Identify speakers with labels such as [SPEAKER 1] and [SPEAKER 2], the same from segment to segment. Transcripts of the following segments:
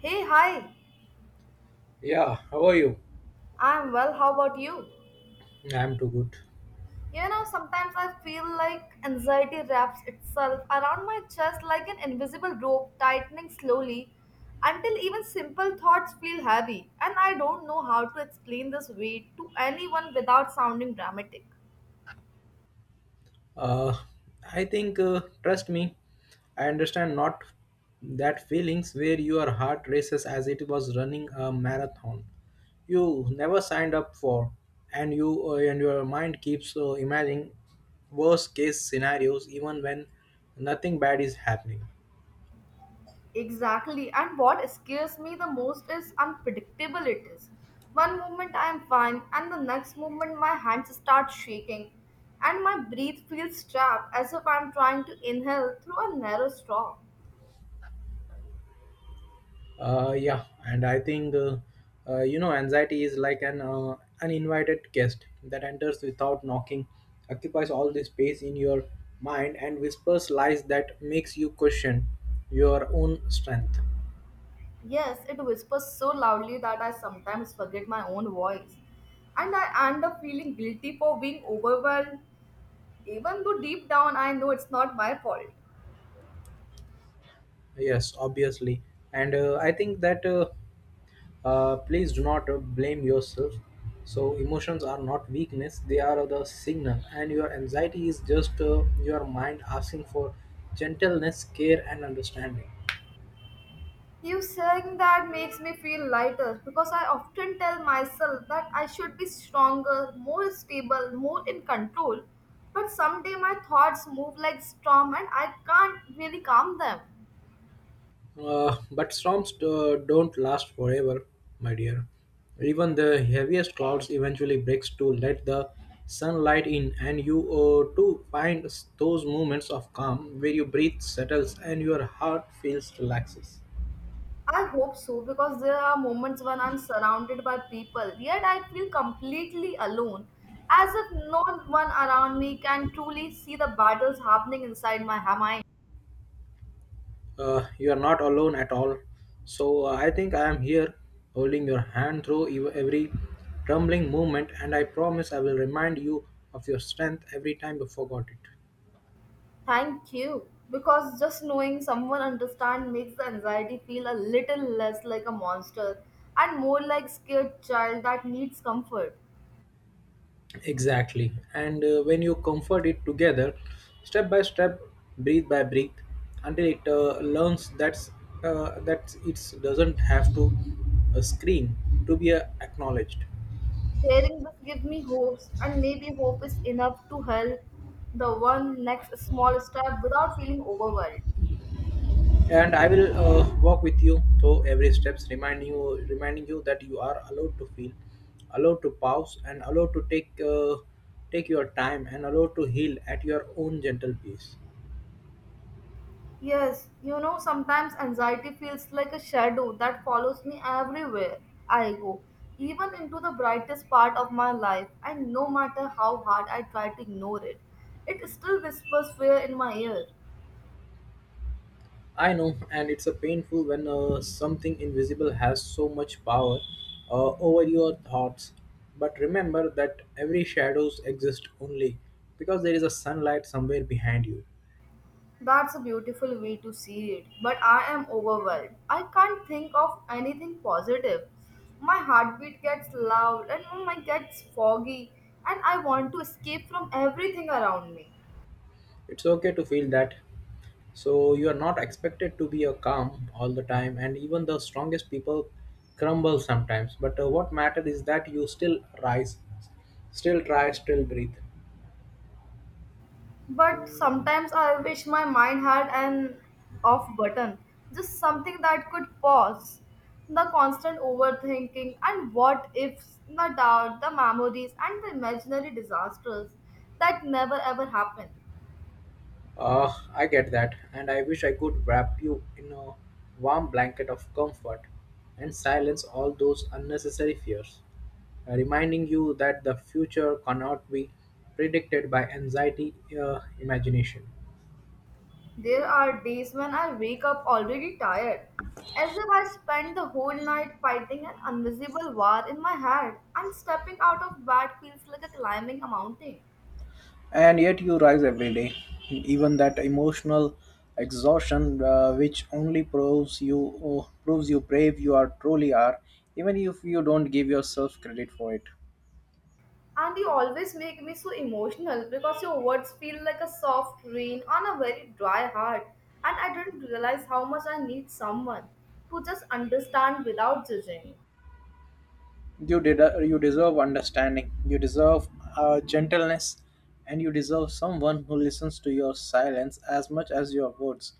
[SPEAKER 1] Hey, hi.
[SPEAKER 2] Yeah, how are you?
[SPEAKER 1] I'm well. How about you?
[SPEAKER 2] I'm too good.
[SPEAKER 1] You know, sometimes I feel like anxiety wraps itself around my chest like an invisible rope tightening slowly until even simple thoughts feel heavy, and I don't know how to explain this weight to anyone without sounding dramatic.
[SPEAKER 2] Uh, I think, trust me, I understand not that feelings where your heart races as it was running a marathon you never signed up for, and you and your mind keeps imagining worst case scenarios even when nothing bad is happening.
[SPEAKER 1] Exactly. And what scares me the most is unpredictable it is. One moment I am fine, and the next moment my hands start shaking, and my breath feels trapped as if I am trying to inhale through a narrow straw.
[SPEAKER 2] Yeah, and I think anxiety is like an uninvited guest that enters without knocking, occupies all the space in your mind, and whispers lies that makes you question your own strength.
[SPEAKER 1] Yes, it whispers so loudly that I sometimes forget my own voice, and I end up feeling guilty for being overwhelmed, even though deep down I know it's not my fault.
[SPEAKER 2] Yes, obviously, and I think that please do not blame yourself. So emotions are not weakness; they are the signal, and your anxiety is just your mind asking for gentleness, care, and understanding.
[SPEAKER 1] You saying that makes me feel lighter because I often tell myself that I should be stronger, more stable, more in control. But someday my thoughts move like storm and I can't really calm them.
[SPEAKER 2] But storms don't last forever, my dear. Even the heaviest clouds eventually breaks to let the sunlight in, and you to find those moments of calm where your breath settles and your heart feels relaxes.
[SPEAKER 1] I hope so because there are moments when I'm surrounded by people, yet I feel completely alone, as if no one around me can truly see the battles happening inside my mind.
[SPEAKER 2] You are not alone at all. So I think I am here, holding your hand through every trembling moment, and I promise I will remind you of your strength every time you forgot it.
[SPEAKER 1] Thank you. Because just knowing someone understand makes the anxiety feel a little less like a monster and more like scared child that needs comfort.
[SPEAKER 2] Exactly. And when you comfort it together, step by step, breathe by breath, until it learns that it doesn't have to scream to be acknowledged.
[SPEAKER 1] Hearing this gives me hopes and maybe hope is enough to help the one next small step without feeling overwhelmed.
[SPEAKER 2] And I will walk with you through every steps, reminding you that you are allowed to feel, allowed to pause, and allowed to take your time, and allowed to heal at your own gentle pace.
[SPEAKER 1] Yes, you know, sometimes anxiety feels like a shadow that follows me everywhere I go, even into the brightest part of my life, and no matter how hard I try to ignore it, it still whispers fear in my ear.
[SPEAKER 2] I know, and it's a painful when something invisible has so much power over your thoughts. But remember that every shadows exist only because there is a sunlight somewhere behind you.
[SPEAKER 1] That's a beautiful way to see it, but I am overwhelmed. I can't think of anything positive. My heartbeat gets loud and my mind gets foggy, and I want to escape from everything around me.
[SPEAKER 2] It's okay to feel that. So you are not expected to be a calm all the time, and even the strongest people crumble sometimes. But what matters is that you still rise, still try, still breathe.
[SPEAKER 1] But sometimes I wish my mind had an off button, just something that could pause. The constant overthinking and what ifs, the doubt, the memories, and the imaginary disasters that never ever happen.
[SPEAKER 2] I get that, and I wish I could wrap you in a warm blanket of comfort and silence all those unnecessary fears, reminding you that the future cannot be predicted by anxiety, imagination.
[SPEAKER 1] There are days when I wake up already tired, as if I spent the whole night fighting an invisible war in my head, and stepping out of bed feels like a climbing a mountain.
[SPEAKER 2] And yet you rise every day, even that emotional exhaustion, which only proves you brave you are truly are, even if you don't give yourself credit for it.
[SPEAKER 1] And you always make me so emotional because your words feel like a soft rain on a very dry heart. And I didn't realize how much I need someone to just understand without judging.
[SPEAKER 2] You did. You deserve understanding. You deserve gentleness, and you deserve someone who listens to your silence as much as your words.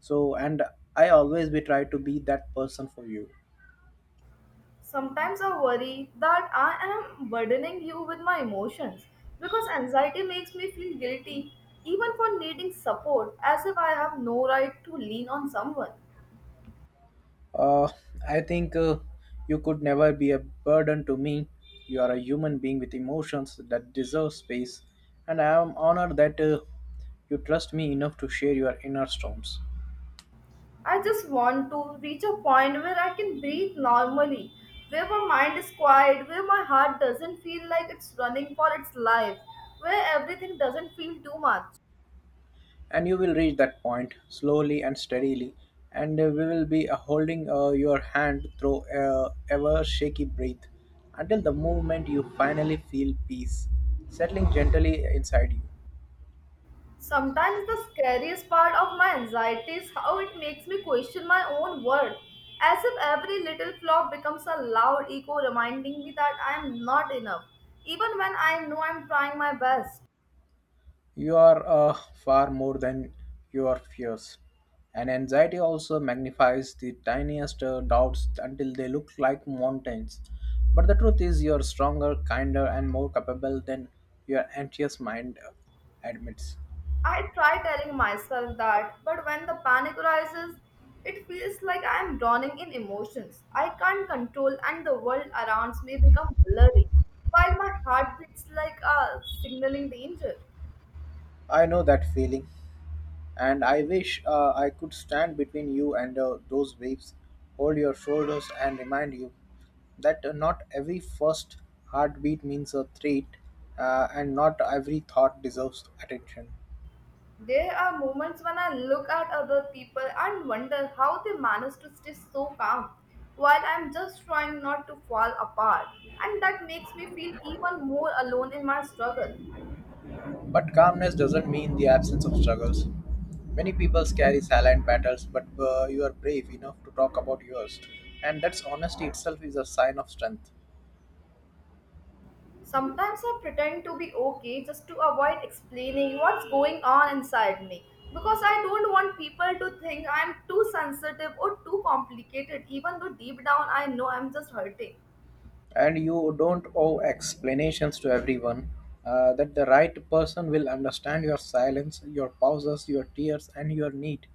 [SPEAKER 2] So, and I always be try to be that person for you.
[SPEAKER 1] Sometimes I worry that I am burdening you with my emotions because anxiety makes me feel guilty even for needing support as if I have no right to lean on someone.
[SPEAKER 2] Uh, I think you could never be a burden to me. You are a human being with emotions that deserve space, and I am honored that you trust me enough to share your inner storms.
[SPEAKER 1] I just want to reach a point where I can breathe normally, where my mind is quiet, where my heart doesn't feel like it's running for its life, where everything doesn't feel too much.
[SPEAKER 2] And you will reach that point slowly and steadily and we will be holding your hand through ever shaky breath until the moment you finally feel peace settling gently inside you.
[SPEAKER 1] Sometimes the scariest part of my anxiety is how it makes me question my own worth, as if every little flaw becomes a loud echo reminding me that I am not enough, even when I know I'm trying my best.
[SPEAKER 2] You are far more than your fears, and anxiety also magnifies the tiniest doubts until they look like mountains, but the truth is you're stronger, kinder, and more capable than your anxious mind admits.
[SPEAKER 1] I try telling myself that, but when the panic rises, it feels like I am drowning in emotions. I can't control, and the world around me becomes blurry, while my heart beats like a signaling danger.
[SPEAKER 2] I know that feeling, and I wish I could stand between you and those waves, hold your shoulders, and remind you that not every first heartbeat means a threat, and not every thought deserves attention.
[SPEAKER 1] There are moments when I look at other people and wonder how they manage to stay so calm, while I'm just trying not to fall apart, and that makes me feel even more alone in my struggle.
[SPEAKER 2] But calmness doesn't mean the absence of struggles. Many people carry silent battles, but you are brave enough to talk about yours, and that's honesty itself is a sign of strength.
[SPEAKER 1] Sometimes I pretend to be okay just to avoid explaining what's going on inside me because I don't want people to think I'm too sensitive or too complicated, even though deep down I know I'm just hurting.
[SPEAKER 2] And you don't owe explanations to everyone that the right person will understand your silence, your pauses, your tears, and your need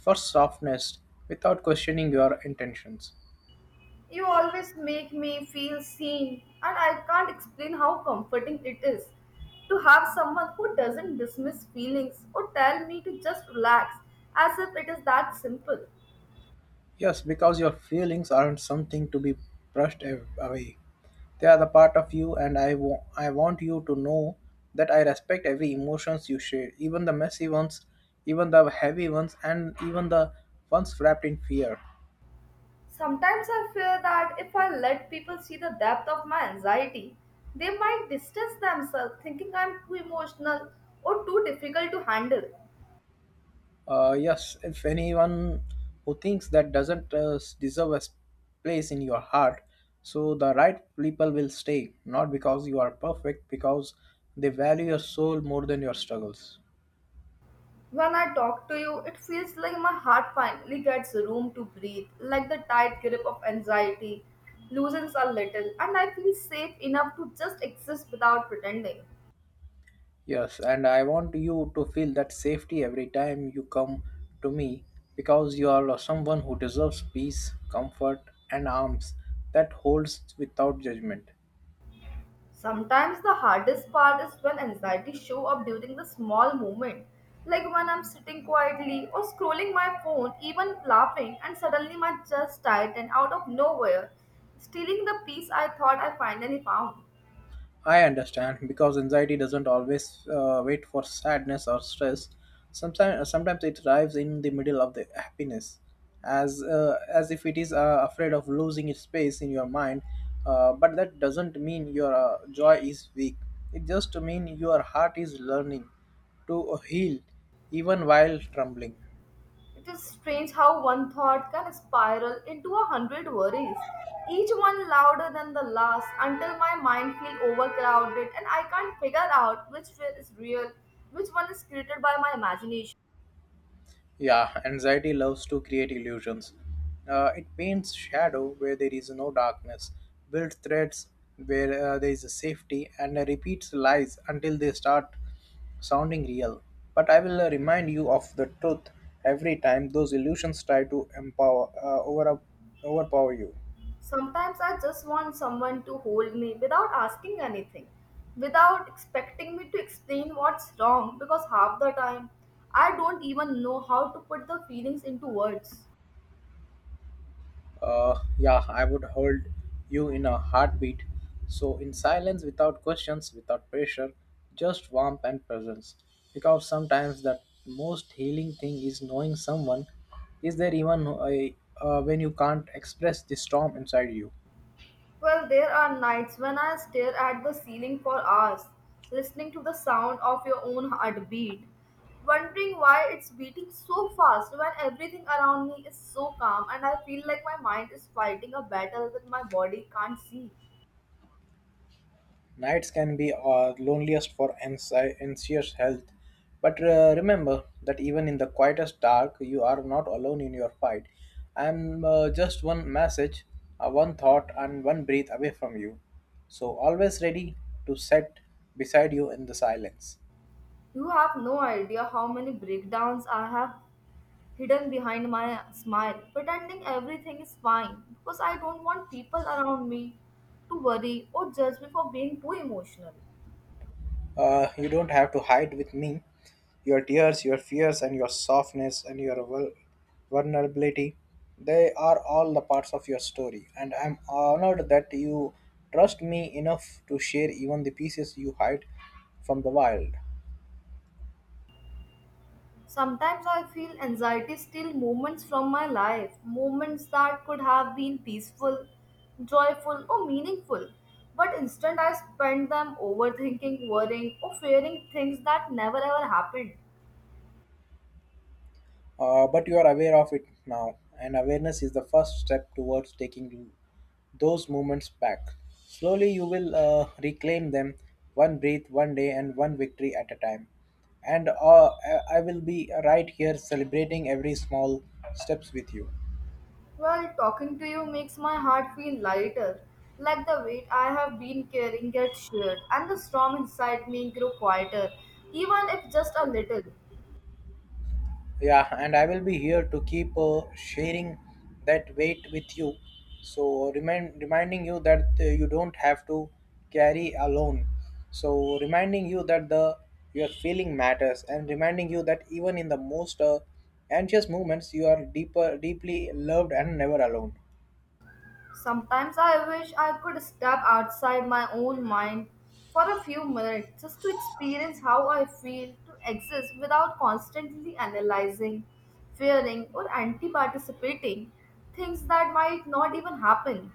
[SPEAKER 2] for softness without questioning your intentions.
[SPEAKER 1] You always make me feel seen, and I can't explain how comforting it is to have someone who doesn't dismiss feelings or tell me to just relax as if it is that simple.
[SPEAKER 2] Yes, because your feelings aren't something to be brushed away, they are the part of you, and I want you to know that I respect every emotions you share, even the messy ones, even the heavy ones, and even the ones wrapped in fear.
[SPEAKER 1] Sometimes I fear that if I let people see the depth of my anxiety, they might distance themselves, thinking I'm too emotional or too difficult to handle.
[SPEAKER 2] Yes, if anyone who thinks that doesn't deserve a place in your heart, so the right people will stay, not because you are perfect, because they value your soul more than your struggles.
[SPEAKER 1] When I talk to you, it feels like my heart finally gets room to breathe, like the tight grip of anxiety loosens a little, and I feel safe enough to just exist without pretending.
[SPEAKER 2] Yes, and I want you to feel that safety every time you come to me, because you are someone who deserves peace, comfort, and arms that holds without judgment.
[SPEAKER 1] Sometimes the hardest part is when anxiety show up during the small moment, like when I'm sitting quietly or scrolling my phone, even laughing, and suddenly my chest tighten out of nowhere, stealing the peace I thought I finally found.
[SPEAKER 2] I understand because anxiety doesn't always wait for sadness or stress. Sometimes it arrives in the middle of the happiness, as if it is afraid of losing its space in your mind. But that doesn't mean your joy is weak. It just means your heart is learning to heal, even while trembling.
[SPEAKER 1] It is strange how one thought can spiral into a hundred worries, each one louder than the last, until my mind feels overcrowded and I can't figure out which fear is real, which one is created by my imagination.
[SPEAKER 2] Yeah, anxiety loves to create illusions. It paints shadow where there is no darkness, builds threats where there is safety, and repeats lies until they start sounding real. But I will remind you of the truth every time those illusions try to overpower you.
[SPEAKER 1] Sometimes I just want someone to hold me without asking anything, without expecting me to explain what's wrong, because half the time I don't even know how to put the feelings into words.
[SPEAKER 2] Yeah, I would hold you in a heartbeat. So, in silence, without questions, without pressure, just warmth and presence. Because sometimes the most healing thing is knowing someone is there even when you can't express the storm inside you.
[SPEAKER 1] Well, there are nights when I stare at the ceiling for hours, listening to the sound of your own heartbeat, wondering why it's beating so fast when everything around me is so calm and I feel like my mind is fighting a battle that my body can't see.
[SPEAKER 2] Nights can be loneliest for anxious health, but remember that even in the quietest dark, you are not alone in your fight. I am just one message, one thought, and one breath away from you. So always ready to set beside you in the silence.
[SPEAKER 1] You have no idea how many breakdowns I have hidden behind my smile, pretending everything is fine because I don't want people around me to worry or judge me for being too emotional.
[SPEAKER 2] You don't have to hide with me. Your tears, your fears, and your softness and your vulnerability, they are all the parts of your story. And I'm honored that you trust me enough to share even the pieces you hide from the wild.
[SPEAKER 1] Sometimes I feel anxiety steal moments from my life, moments that could have been peaceful, joyful, or meaningful. But instead, I spend them overthinking, worrying, or fearing things that never ever happened.
[SPEAKER 2] But you are aware of it now, and awareness is the first step towards taking those moments back. Slowly, you will reclaim them, one breath, one day, and one victory at a time. And I will be right here celebrating every small steps with you.
[SPEAKER 1] Well, talking to you makes my heart feel lighter, like the weight I have been carrying gets shared, and the storm inside me grew quieter, even if just a little.
[SPEAKER 2] Yeah, and I will be here to keep sharing that weight with you. So reminding you that you don't have to carry alone. So reminding you that the your feeling matters, and reminding you that even in the most anxious moments, you are deeply loved and never alone.
[SPEAKER 1] Sometimes I wish I could step outside my own mind for a few minutes just to experience how I feel to exist without constantly analyzing, fearing, or anti participating things that might not even happen.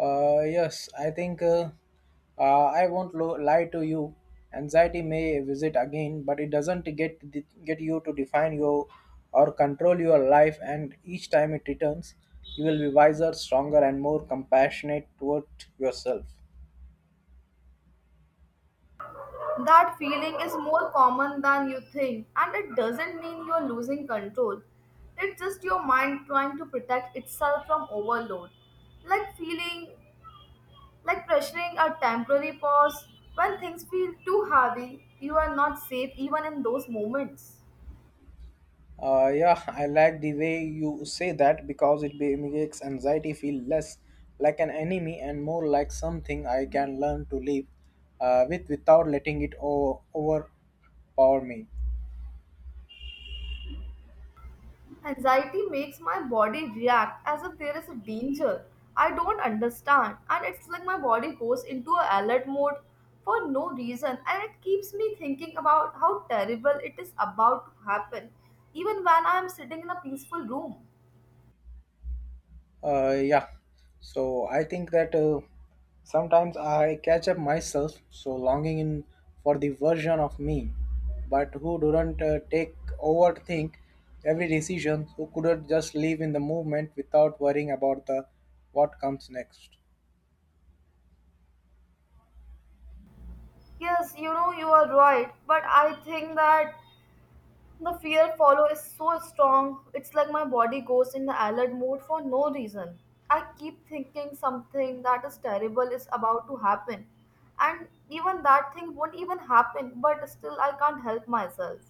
[SPEAKER 2] Yes, I think I won't lie to you. Anxiety may visit again, but it doesn't get you to define your or control your life. And each time it returns, you will be wiser, stronger, and more compassionate toward yourself.
[SPEAKER 1] That feeling is more common than you think, and it doesn't mean you're losing control. It's just your mind trying to protect itself from overload. Like feeling, like pressuring a temporary pause. When things feel too heavy, you are not safe even in those moments.
[SPEAKER 2] Yeah, I like the way you say that because it makes anxiety feel less like an enemy and more like something I can learn to live with without letting it overpower me.
[SPEAKER 1] Anxiety makes my body react as if there is a danger. I don't understand, and it's like my body goes into a alert mode for no reason, and it keeps me thinking about how terrible it is about to happen, even when I am sitting in a peaceful room.
[SPEAKER 2] Yeah. So I think that sometimes I catch up myself, so longing in for the version of me, but who didn't take overthink every decision, who couldn't just live in the movement without worrying about the what comes next.
[SPEAKER 1] Yes, you know, you are right, but I think that the fear follow is so strong. It's like my body goes in the alert mode for no reason. I keep thinking something that is terrible is about to happen. And even that thing won't even happen, but still I can't help myself.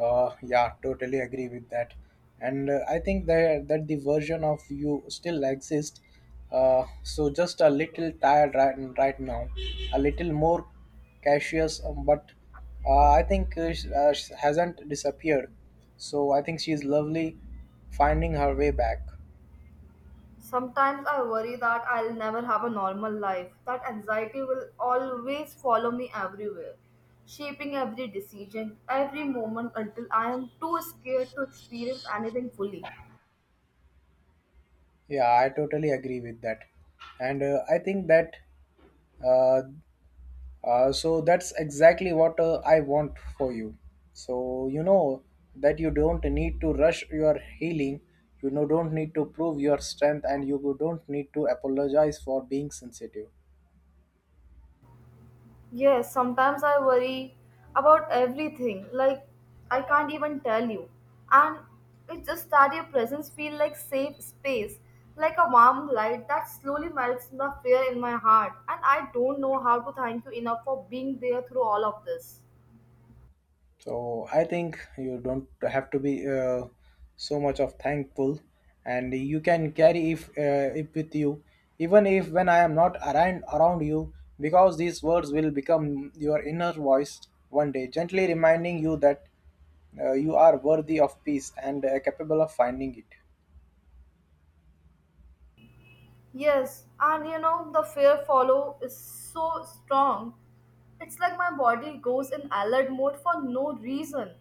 [SPEAKER 2] Yeah, totally agree with that. And I think that the version of you still exists. So just a little tired right now, a little more cautious, but I think hasn't disappeared. So I think she's lovely finding her way back.
[SPEAKER 1] Sometimes I worry that I'll never have a normal life. That anxiety will always follow me everywhere, shaping every decision, every moment until I am too scared to experience anything fully.
[SPEAKER 2] Yeah, I totally agree with that. And I think that uh, so that's exactly what I want for you. So you know that you don't need to rush your healing. You know, don't need to prove your strength, and you don't need to apologize for being sensitive.
[SPEAKER 1] Yes, sometimes I worry about everything. Like I can't even tell you. And it's just that your presence feels like safe space, like a warm light that slowly melts the fear in my heart. And I don't know how to thank you enough for being there through all of this.
[SPEAKER 2] So I think you don't have to be so much of thankful, and you can carry if it with you, even if when I am not around you, because these words will become your inner voice one day, gently reminding you that you are worthy of peace and capable of finding it.
[SPEAKER 1] Yes, and you know, the fear follow is so strong. It's like my body goes in alert mode for no reason.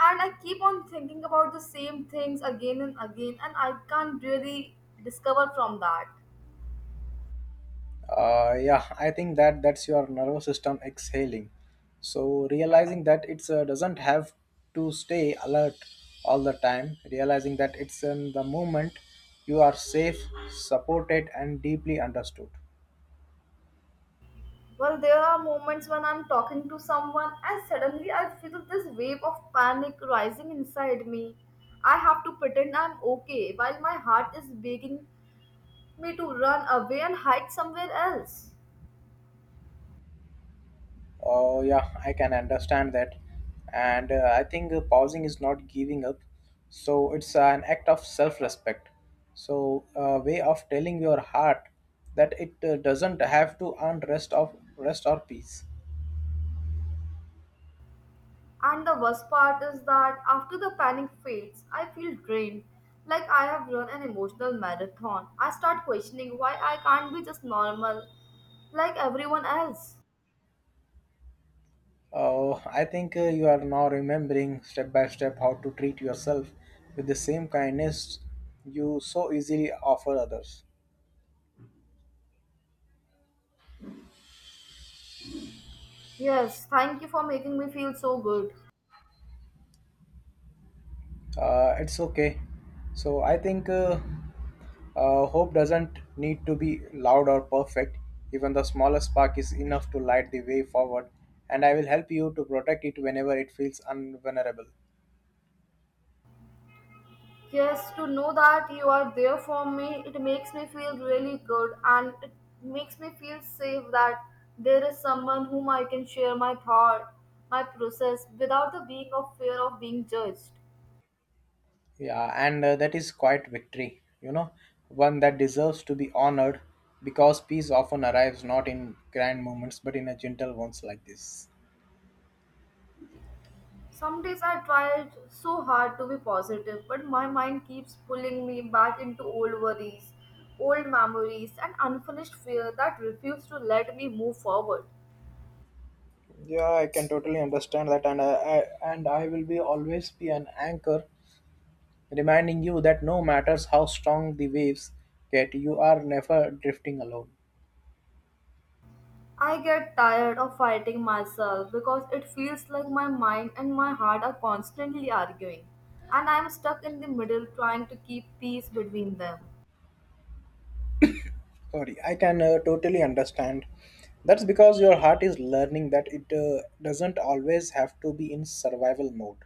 [SPEAKER 1] And I keep on thinking about the same things again and again, and I can't really discover from that.
[SPEAKER 2] Yeah, I think that that's your nervous system exhaling, so realizing that it doesn't have to stay alert all the time, realizing that it's in the moment you are safe, supported, and deeply understood.
[SPEAKER 1] Well, there are moments when I'm talking to someone, and suddenly I feel this wave of panic rising inside me. I have to pretend I'm okay while my heart is begging me to run away and hide somewhere else.
[SPEAKER 2] Oh, yeah, I can understand that. And I think pausing is not giving up. So it's an act of self respect. So, a way of telling your heart that it doesn't have to rest or peace.
[SPEAKER 1] And the worst part is that after the panic fades, I feel drained, like I have run an emotional marathon. I start questioning why I can't be just normal like everyone else.
[SPEAKER 2] Oh, I think you are now remembering step by step how to treat yourself with the same kindness you so easily offer others.
[SPEAKER 1] Yes, thank you for making me feel so good.
[SPEAKER 2] It's okay. So I think hope doesn't need to be loud or perfect. Even the smallest spark is enough to light the way forward, and I will help you to protect it whenever it feels unvulnerable.
[SPEAKER 1] Yes, to know that you are there for me, it makes me feel really good and it makes me feel safe that there is someone whom I can share my thought, my process without the being of fear of being judged.
[SPEAKER 2] Yeah, and that is quite victory, you know, one that deserves to be honored because peace often arrives not in grand moments but in a gentle ones like this.
[SPEAKER 1] Some days I tried so hard to be positive, but my mind keeps pulling me back into old worries, old memories, and unfinished fear that refuse to let me move forward.
[SPEAKER 2] Yeah, I can totally understand that, and I will be always be an anchor reminding you that no matters how strong the waves get, you are never drifting alone.
[SPEAKER 1] I get tired of fighting myself because it feels like my mind and my heart are constantly arguing, and I am stuck in the middle trying to keep peace between them.
[SPEAKER 2] Sorry, I can totally understand. That's because your heart is learning that it doesn't always have to be in survival mode.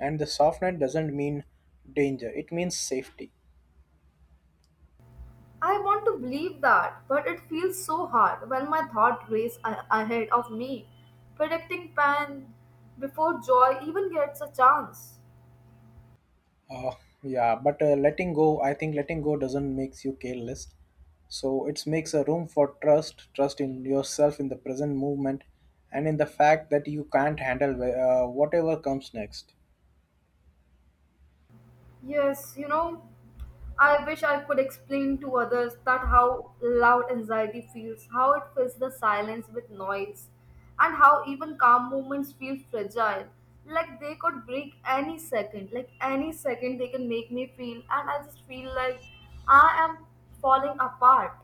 [SPEAKER 2] And the soft net doesn't mean danger, it means safety.
[SPEAKER 1] I want to believe that, but it feels so hard when my thought race ahead of me, predicting pain before joy even gets a chance.
[SPEAKER 2] Uh, yeah, but letting go, I think letting go doesn't makes you careless. So it makes a room for trust, trust in yourself, in the present movement, and in the fact that you can't handle whatever comes next.
[SPEAKER 1] Yes, you know, I wish I could explain to others that how loud anxiety feels, how it fills the silence with noise, and how even calm moments feel fragile. Like they could break any second, like any second they can make me feel, and I just feel like I am falling apart.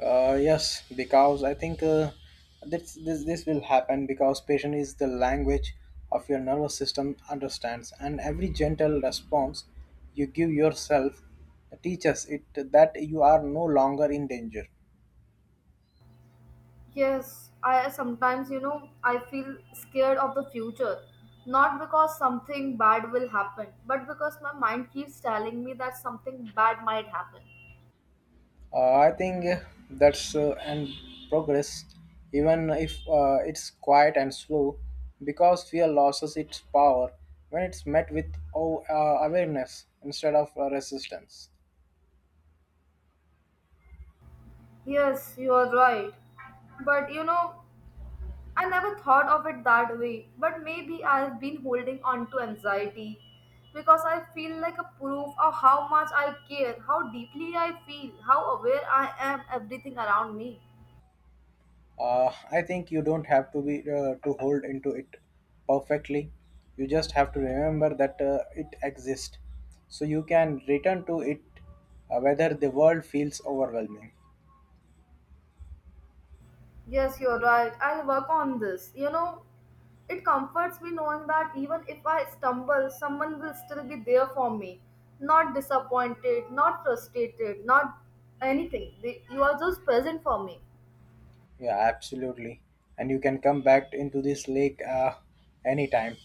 [SPEAKER 2] Yes, because I think this will happen because patient is the language of your nervous system understands, and every gentle response you give yourself teaches it that you are no longer in danger.
[SPEAKER 1] Yes, I sometimes, you know, I feel scared of the future. Not because something bad will happen, but because my mind keeps telling me that something bad might happen.
[SPEAKER 2] I think that's an progress, even if it's quiet and slow, because fear loses its power when it's met with awareness instead of resistance.
[SPEAKER 1] Yes, you are right. But you know, I never thought of it that way. But maybe I've been holding on to anxiety because I feel like a proof of how much I care, how deeply I feel, how aware I am everything around me.
[SPEAKER 2] I think you don't have to be to hold into it perfectly. You just have to remember that it exists, so you can return to it whether the world feels overwhelming.
[SPEAKER 1] Yes, you're right. I'll work on this. You know, it comforts me knowing that even if I stumble, someone will still be there for me. Not disappointed, not frustrated, not anything. They, you are just present for me.
[SPEAKER 2] Yeah, absolutely. And you can come back into this lake anytime,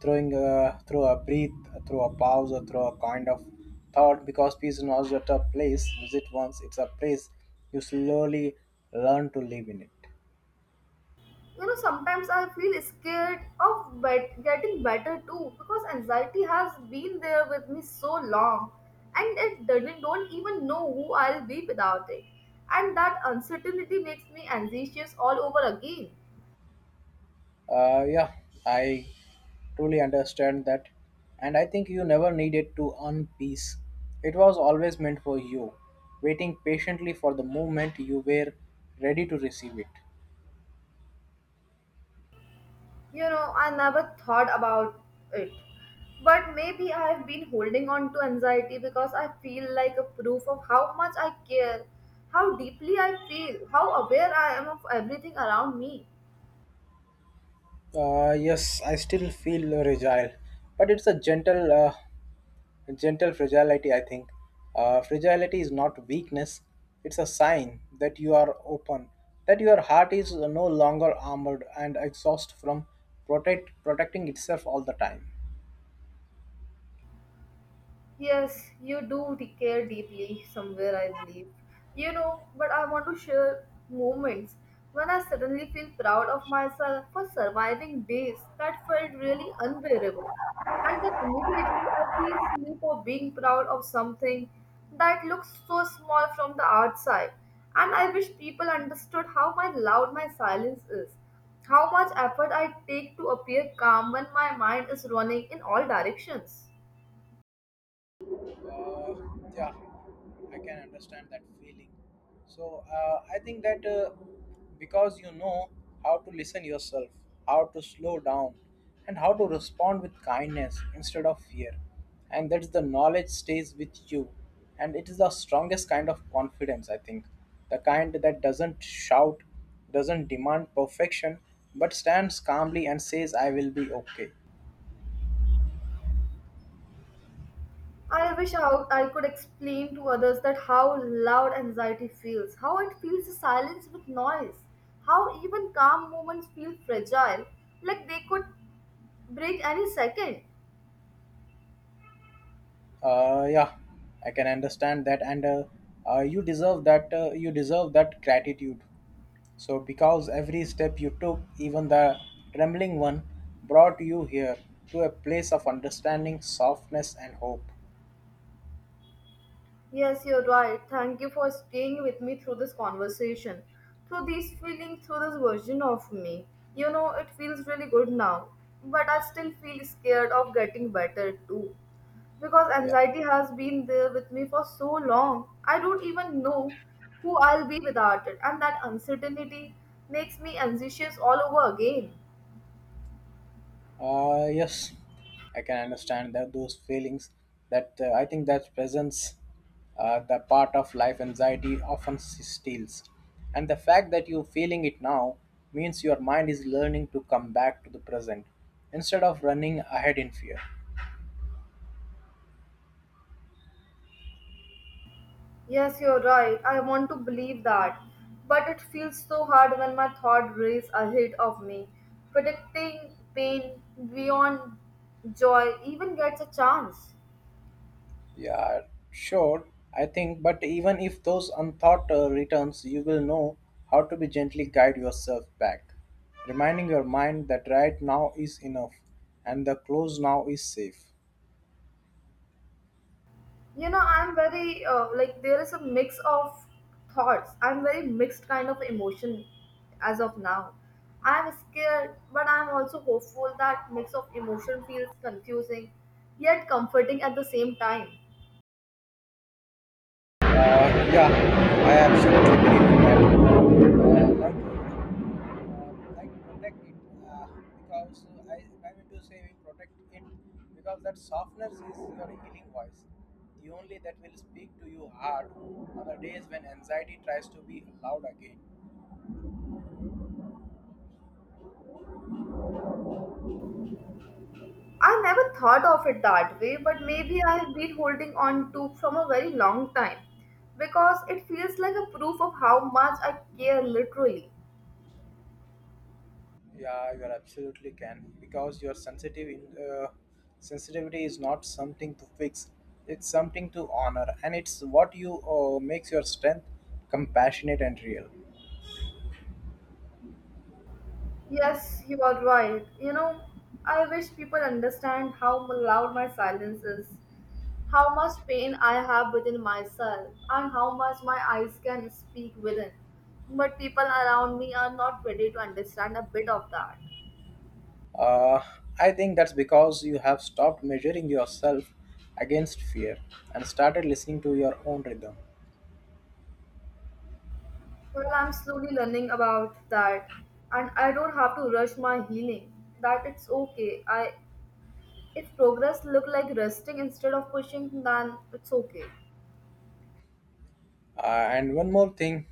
[SPEAKER 2] throwing through a breath, through a pause, or through a kind of thought. Because peace is not just a place visit once; it's a place you slowly learn to live in it.
[SPEAKER 1] You know, sometimes I feel scared of getting better too because anxiety has been there with me so long and it doesn't, don't even know who I'll be without it. And that uncertainty makes me anxious all over again.
[SPEAKER 2] Yeah, I truly understand that, and I think you never needed to earn peace. It was always meant for you, waiting patiently for the moment you were ready to receive it.
[SPEAKER 1] You know, I never thought about it. But maybe I have been holding on to anxiety because I feel like a proof of how much I care, how deeply I feel, how aware I am of everything around me.
[SPEAKER 2] Yes, I still feel fragile, but it's a gentle, gentle fragility. I think fragility is not weakness; it's a sign that you are open, that your heart is no longer armored and exhausted from protecting itself all the time.
[SPEAKER 1] Yes, you do care deeply somewhere, I believe. You know, but I want to share moments when I suddenly feel proud of myself for surviving days that felt really unbearable. And then immediately I feel silly for being proud of something that looks so small from the outside. And I wish people understood how my loud my silence is, how much effort I take to appear calm when my mind is running in all directions.
[SPEAKER 2] Uh, yeah, I can understand that feeling. So I think that because you know how to listen yourself, how to slow down, and how to respond with kindness instead of fear, and that's the knowledge stays with you, and it is the strongest kind of confidence. I think the kind that doesn't shout, doesn't demand perfection, but stands calmly and says, "I will be okay."
[SPEAKER 1] I wish I could explain to others that how loud anxiety feels, how it feels the silence with noise, how even calm moments feel fragile, like they could break any second.
[SPEAKER 2] Yeah, I can understand that, and you deserve that. You deserve that gratitude. So, because every step you took, even the trembling one, brought you here to a place of understanding, softness, and hope.
[SPEAKER 1] Yes, you're right. Thank you for staying with me through this conversation, through these feelings, through this version of me. You know, it feels really good now, but I still feel scared of getting better too. Because
[SPEAKER 2] Yeah.
[SPEAKER 1] anxiety has been there with me for so long, I don't even know who I'll be without it, and that uncertainty makes me anxious all over again.
[SPEAKER 2] Yes, I can understand that those feelings. That I think that presence, the part of life anxiety often steals, and the fact that you're feeling it now means your mind is learning to come back to the present instead of running ahead in fear.
[SPEAKER 1] Yes, you're right. I want to believe that. But it feels so hard when my thought race ahead of me. Predicting pain beyond joy even gets a chance.
[SPEAKER 2] Yeah, sure. I think, but even if those unthought returns, you will know how to be gently guide yourself back, reminding your mind that right now is enough, and the close now is safe.
[SPEAKER 1] You know, I'm very, like, there is a mix of thoughts. I'm very mixed kind of emotion as of now. I'm scared, but I'm also hopeful that mix of emotion feels confusing yet comforting at the same time.
[SPEAKER 2] Yeah, I absolutely believe in that. Uh, like protect it uh, because I mean to say we protect it because that softness is your healing voice, the only that will speak to you hard on the days when anxiety tries to be loud again.
[SPEAKER 1] I never thought of it that way, but maybe I have been holding on to from a very long time because it feels like a proof of how much I care literally.
[SPEAKER 2] Yeah, you are absolutely can because your sensitive in, sensitivity is not something to fix. It's something to honor, and it's what you makes your strength compassionate and real.
[SPEAKER 1] Yes, you are right. You know, I wish people understand how loud my silence is, how much pain I have within myself, and how much my eyes can speak within. But people around me are not ready to understand a bit of that.
[SPEAKER 2] Uh, I think that's because you have stopped measuring yourself against fear and started listening to your own rhythm.
[SPEAKER 1] Well, I'm slowly learning about that, and I don't have to rush my healing. That it's okay. I if progress look like resting instead of pushing, then it's okay.
[SPEAKER 2] And one more thing,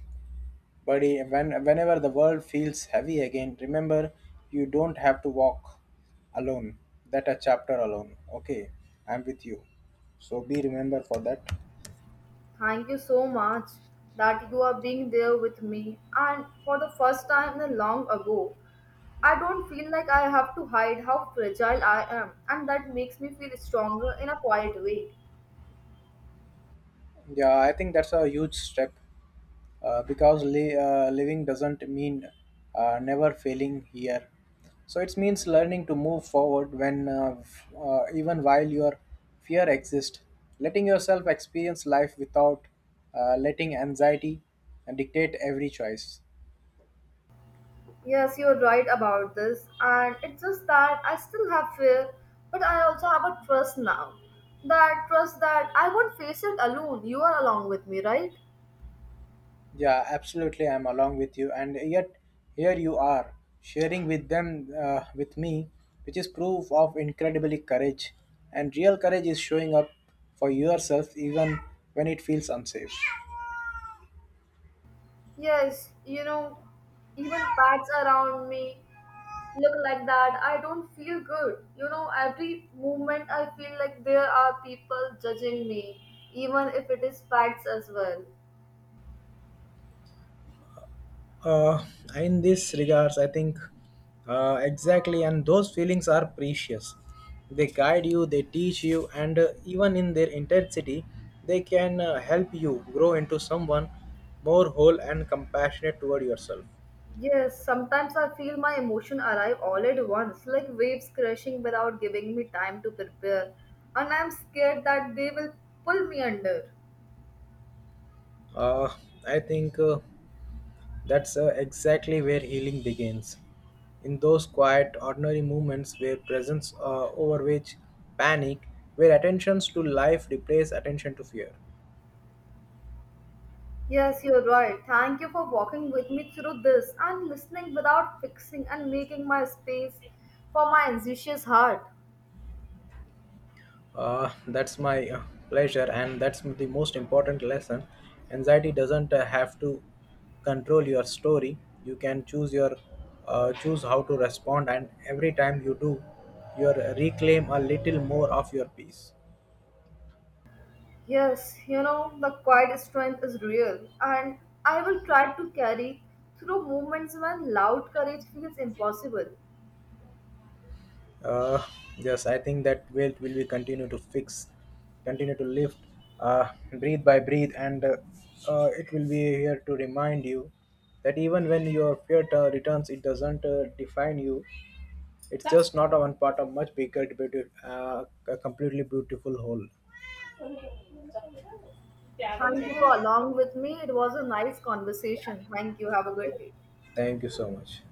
[SPEAKER 2] buddy, whenever the world feels heavy again, remember you don't have to walk alone, that a chapter alone. Okay, I'm with you. So be remembered for that.
[SPEAKER 1] Thank you so much that you are being there with me, and for the first time in a long ago, I don't feel like I have to hide how fragile I am, and that makes me feel stronger in a quiet way.
[SPEAKER 2] Yeah, I think that's a huge step because living doesn't mean never failing here. So it means learning to move forward when even while your fear exists, letting yourself experience life without letting anxiety dictate every choice.
[SPEAKER 1] Yes, you're right about this, and it's just that I still have fear, but I also have a trust now. That trust that I won't face it alone. You are along with me, right?
[SPEAKER 2] Yeah, absolutely. I'm along with you, and yet here you are sharing with them, with me, which is proof of incredibly courage. And real courage is showing up for yourself even when it feels unsafe.
[SPEAKER 1] Yes, you know, even bats around me look like that. I don't feel good. You know, every moment I feel like there are people judging me, even if it is facts as well.
[SPEAKER 2] Uh, in this regards, I think exactly, and those feelings are precious. They guide you, they teach you, and even in their intensity, they can help you grow into someone more whole and compassionate toward yourself.
[SPEAKER 1] Yes, sometimes I feel my emotion arrive all at once, like waves crashing without giving me time to prepare. And I'm scared that they will pull me under.
[SPEAKER 2] Uh, I think that's exactly where healing begins. In those quiet, ordinary moments where presence overweighs panic, where attentions to life replace attention to fear.
[SPEAKER 1] Yes, you're right. Thank you for walking with me through this and listening without fixing and making my space for my anxious heart.
[SPEAKER 2] That's my pleasure, and that's the most important lesson. Anxiety doesn't have to control your story. You can choose your choose how to respond, and every time you do, you reclaim a little more of your peace.
[SPEAKER 1] Yes, you know, the quiet strength is real, and I will try to carry through moments when loud courage feels impossible.
[SPEAKER 2] Uh, yes, I think that weight will be continue to fix, continue to lift, uh, breathe by breathe, and it will be here to remind you that even when your fear returns, it doesn't define you. It's just not a one part of much bigger, beautiful, a completely beautiful whole.
[SPEAKER 1] Thank you for along with me. It was a nice conversation. Thank you. Have a good day.
[SPEAKER 2] Thank you so much.